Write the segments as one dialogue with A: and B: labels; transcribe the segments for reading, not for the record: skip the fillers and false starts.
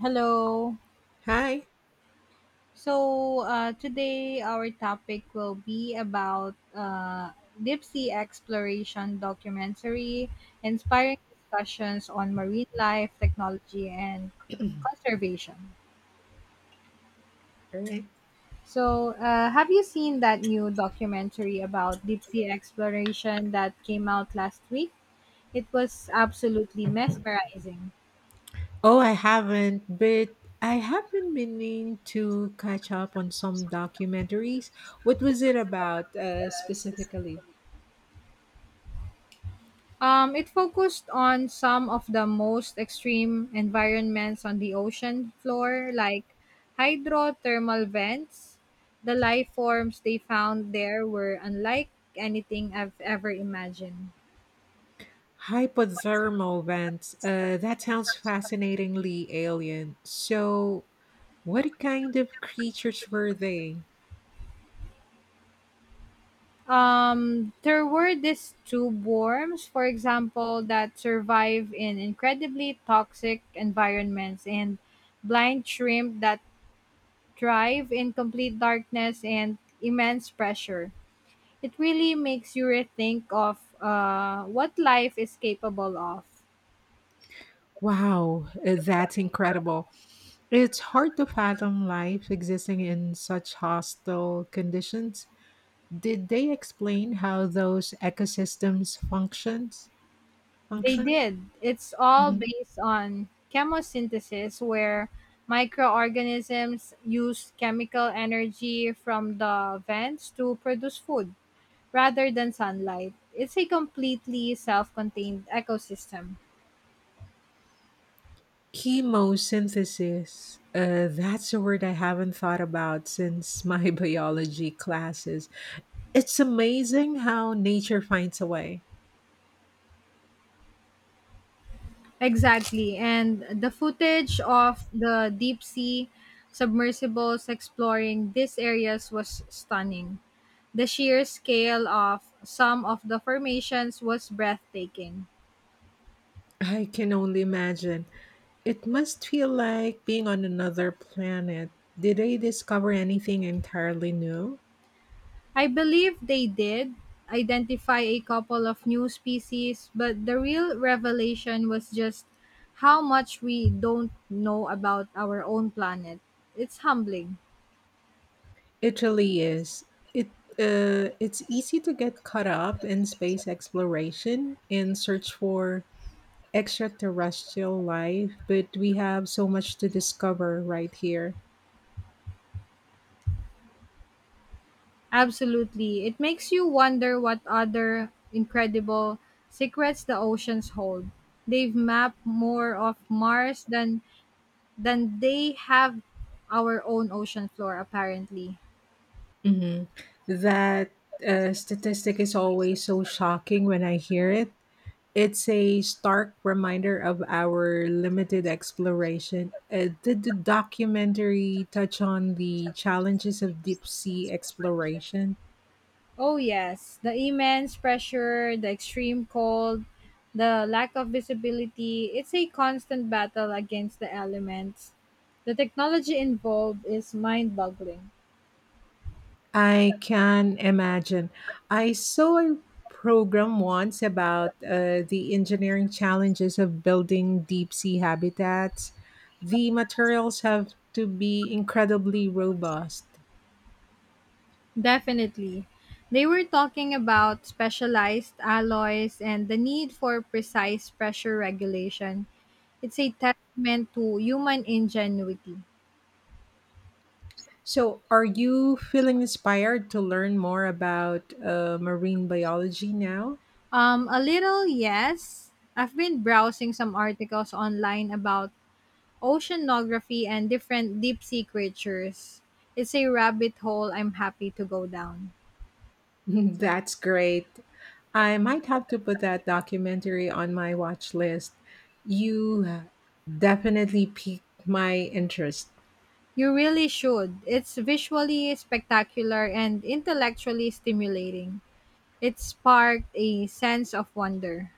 A: Hello.
B: Hi.
A: So today our topic will be about deep sea exploration documentary, inspiring discussions on marine life, technology, and conservation.
B: Hi.
A: So, have you seen that new documentary about deep sea exploration that came out last week? It was absolutely mesmerizing.
B: Oh, I haven't, but I have been meaning to catch up on some documentaries. What was it about, specifically?
A: It focused on some of the most extreme environments on the ocean floor, like hydrothermal vents. The life forms they found there were unlike anything I've ever imagined.
B: Hypothermal vents. That sounds fascinatingly alien. So, what kind of creatures were they?
A: There were these tube worms, for example, that survive in incredibly toxic environments, and blind shrimp that thrive in complete darkness and immense pressure. It really makes you rethink of what life is capable of.
B: Wow, that's incredible. It's hard to fathom life existing in such hostile conditions. Did they explain how those ecosystems functions
A: They
B: function?
A: did. It's all
B: Mhm.
A: based on chemosynthesis, where microorganisms use chemical energy from the vents to produce food rather than sunlight. It's a completely self contained ecosystem.
B: Chemosynthesis. That's a word I haven't thought about since my biology classes. It's amazing how nature finds a way.
A: Exactly. And the footage of the deep sea submersibles exploring these areas was stunning. The sheer scale of some of the formations was breathtaking.
B: I can only imagine. It must feel like being on another planet. Did they discover anything entirely new?
A: I believe they did identify a couple of new species, but the real revelation was just how much we don't know about our own planet. It's humbling.
B: It really is. It it's easy to get caught up in space exploration and search for extraterrestrial life, but we have so much to discover right here.
A: Absolutely. It makes you wonder what other incredible secrets the oceans hold. They've mapped more of Mars than then they have our own ocean floor, apparently.
B: Mhm. That statistic is always so shocking when I hear it. It's a stark reminder of our limited exploration. Did the documentary touch on the challenges of deep sea exploration?
A: Oh, yes. The immense pressure, the extreme cold, the lack of visibility. It's a constant battle against the elements. The technology involved is mind boggling.
B: I can imagine. I saw a program once about, the engineering challenges of building deep sea habitats. The materials have to be incredibly robust.
A: Definitely. They were talking about specialized alloys and the need for precise pressure regulation. It's a testament to human ingenuity.
B: So, are you feeling inspired to learn more about, marine biology now?
A: A little, yes. I've been browsing some articles online about oceanography and different deep sea creatures. It's a rabbit hole I'm happy to go down.
B: That's great. I might have to put that documentary on my watch list. You definitely piqued my interest.
A: You really should. It's visually spectacular and intellectually stimulating. It sparked a sense of wonder.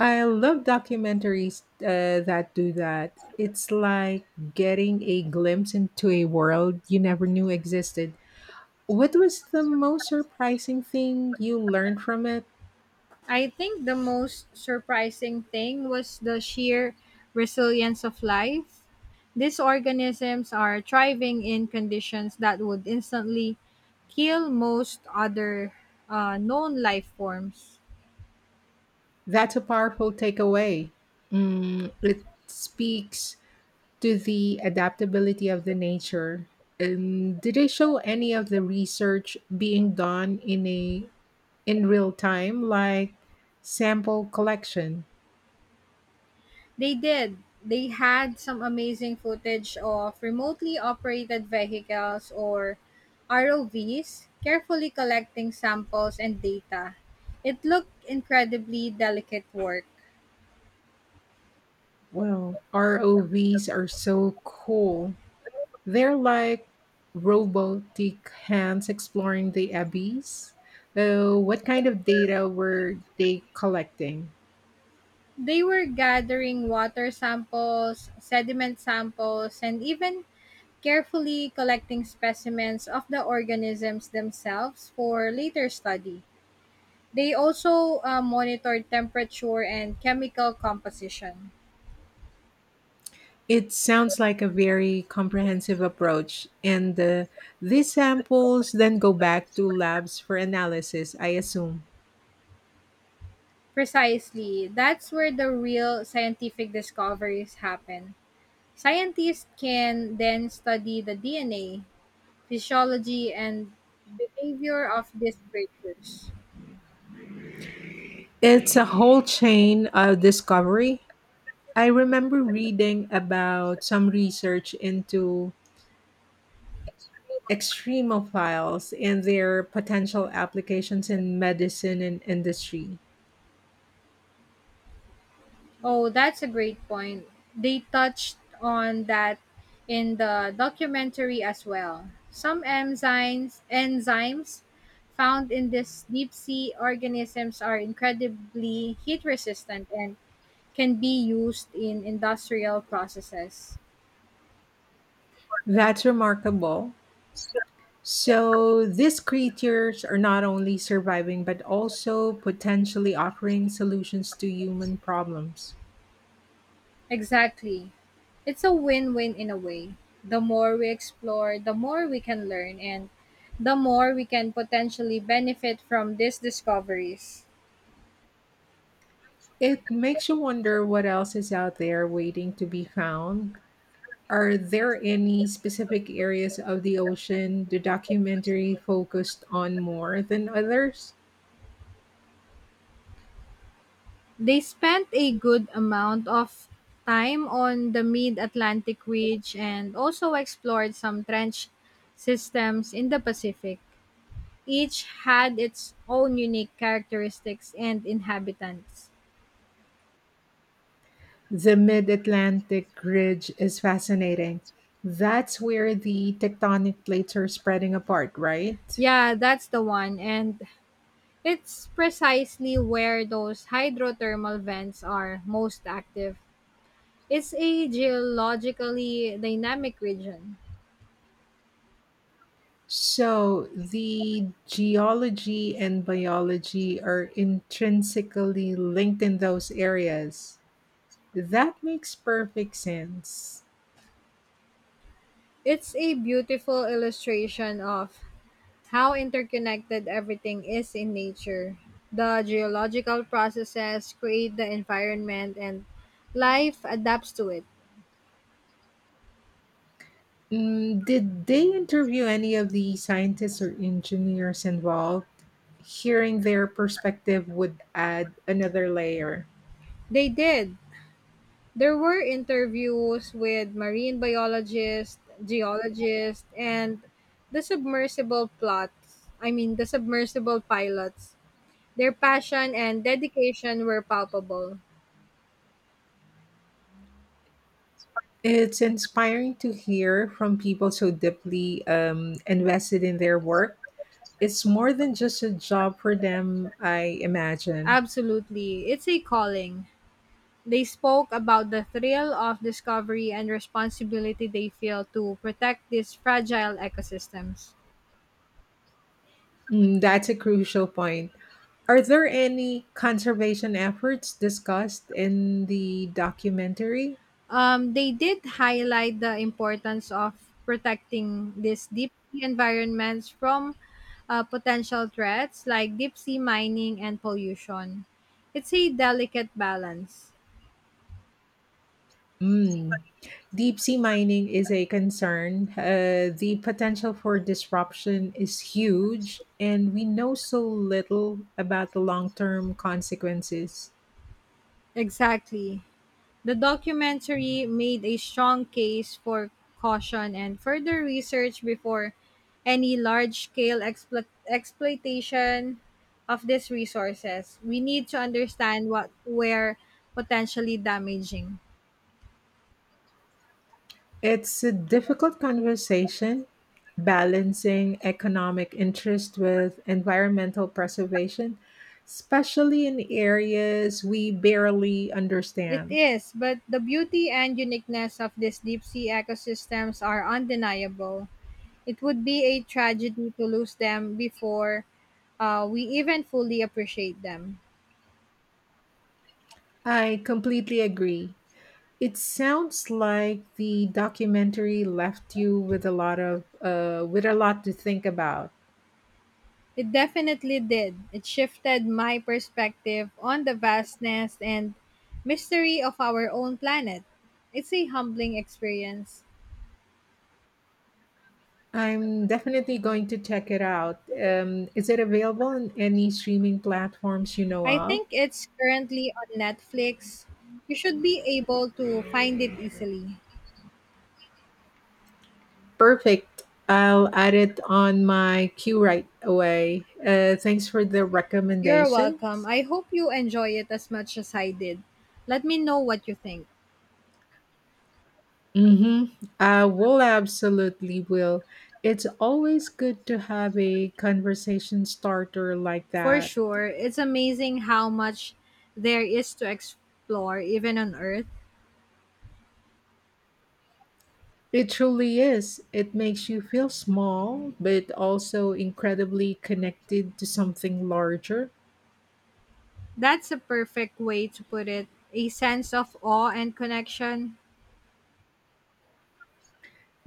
B: I love documentaries that do that. It's like getting a glimpse into a world you never knew existed. What was the most surprising thing you learned from it?
A: I think the most surprising thing was the sheer resilience of life. These organisms are thriving in conditions that would instantly kill most other known life forms.
B: That's a powerful takeaway. Mm, it speaks to the adaptability of the nature. Did they show any of the research being done in real time, like sample collection?
A: They did. They had some amazing footage of remotely operated vehicles or ROVs carefully collecting samples and data. It looked incredibly delicate work.
B: Well, ROVs are so cool. They're like robotic hands exploring the abyss. So, what kind of data were they collecting?
A: They were gathering water samples, sediment samples, and even carefully collecting specimens of the organisms themselves for later study. They also monitored temperature and chemical composition.
B: It sounds like a very comprehensive approach, and, these samples then go back to labs for analysis, I assume.
A: Precisely, that's where the real scientific discoveries happen. Scientists can then study the DNA, physiology, and behavior of these creatures.
B: It's a whole chain of discovery. I remember reading about some research into extremophiles and their potential applications in medicine and industry.
A: Oh, that's a great point. They touched on that in the documentary as well. Some enzymes found in these deep sea organisms are incredibly heat resistant and can be used in industrial processes.
B: That's remarkable. So these creatures are not only surviving but also potentially offering solutions to human problems.
A: Exactly. It's a win-win in a way. The more we explore, the more we can learn and the more we can potentially benefit from these discoveries.
B: It makes you wonder what else is out there waiting to be found. Are there any specific areas of the ocean the documentary focused on more than others?
A: They spent a good amount of time on the mid Atlantic Ridge and also explored some trench systems in the Pacific. Each had its own unique characteristics and inhabitants.
B: The Mid Atlantic Ridge is fascinating. That's where the tectonic plates are spreading apart, right?
A: Yeah, that's the one. And it's precisely where those hydrothermal vents are most active. It's a geologically dynamic region.
B: So the geology and biology are intrinsically linked in those areas. That makes perfect sense.
A: It's a beautiful illustration of how interconnected everything is in nature. The geological processes create the environment and life adapts to it.
B: Mm, did they interview any of the scientists or engineers involved? Hearing their perspective would add another layer.
A: They did. There were interviews with marine biologists, geologists, and the submersible plots. I mean, the submersible pilots. Their passion and dedication were palpable.
B: It's inspiring to hear from people so deeply, invested in their work. It's more than just a job for them, I imagine.
A: Absolutely. It's a calling. They spoke about the thrill of discovery and responsibility they feel to protect these fragile ecosystems.
B: Mm, that's a crucial point. Are there any conservation efforts discussed in the documentary?
A: They did highlight the importance of protecting these deep sea environments from potential threats like deep sea mining and pollution. It's a delicate balance.
B: Mm. Deep sea mining is a concern. The potential for disruption is huge, and we know so little about the long term consequences.
A: Exactly. The documentary made a strong case for caution and further research before any large scale exploitation of these resources. We need to understand what we're potentially damaging.
B: It's a difficult conversation balancing economic interest with environmental preservation, especially in areas we barely
A: It
B: understand.
A: is, but the beauty and uniqueness of these deep sea ecosystems are undeniable. It would be a tragedy to lose them before we even fully appreciate them.
B: I completely agree. It sounds like the documentary left you with a lot to think about.
A: It definitely did. It shifted my perspective on the vastness and mystery of our own planet. It's a humbling experience.
B: I'm definitely going to check it out. Is it available on any streaming platforms you know
A: I
B: of?
A: think it's currently on Netflix. You should be able to find it easily.
B: Perfect. I'll add it on my queue right away. Thanks for the
A: You're welcome.
B: recommendations.
A: I hope you enjoy it as much as I did. Let me know what you think.
B: Mm-hmm. I will absolutely will. It's always good to have a conversation starter like
A: For
B: that.
A: sure, it's amazing how much there is to explore, even on Earth.
B: It truly is. It makes you feel small, but also incredibly connected to something larger.
A: That's a perfect way to put it. A sense of awe and connection.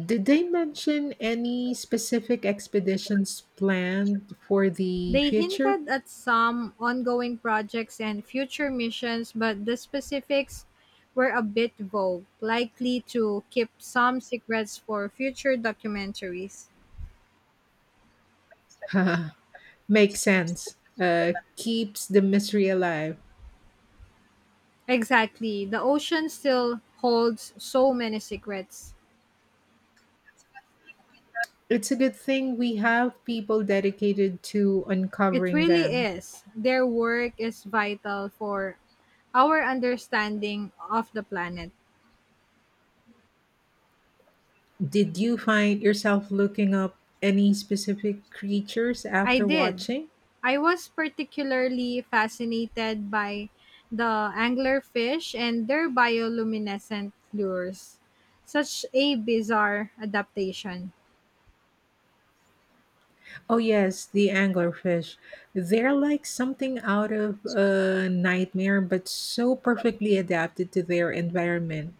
B: Did they mention any specific expeditions planned for the
A: They
B: future?
A: hinted at some ongoing projects and future missions, but the specifics were a bit vague, likely to keep some secrets for future documentaries.
B: Makes sense. Keeps the mystery alive.
A: Exactly. The ocean still holds so many secrets.
B: It's a good thing we have people dedicated to
A: It
B: uncovering
A: really
B: them.
A: is. Their work is vital for our understanding of the planet.
B: Did you find yourself looking up any specific creatures
A: I
B: after
A: did.
B: watching?
A: I was particularly fascinated by the anglerfish and their bioluminescent lures. Such a bizarre adaptation.
B: Oh, yes, the anglerfish. They're like something out of a nightmare, but so perfectly adapted to their environment.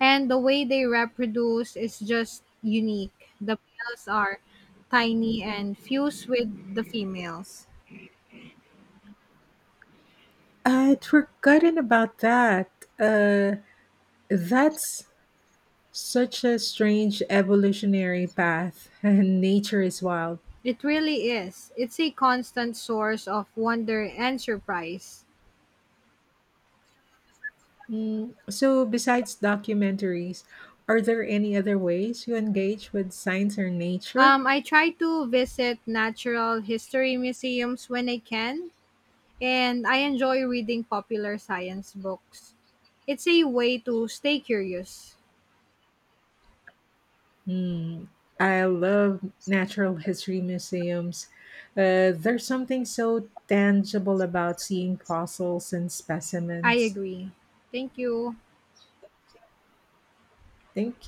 A: And the way they reproduce is just unique. The males are tiny and fuse with the females.
B: I'd forgotten about that. Uh, that's Such a strange evolutionary path, and nature is wild.
A: It really is. It's a constant source of wonder and surprise.
B: Mm, so, besides documentaries, are there any other ways you engage with science or nature?
A: I try to visit natural history museums when I can and I enjoy reading popular science books. It's a way to stay curious.
B: Mm, I love natural history museums. There's something so tangible about seeing fossils and
A: I
B: specimens.
A: agree. Thank you.
B: Thank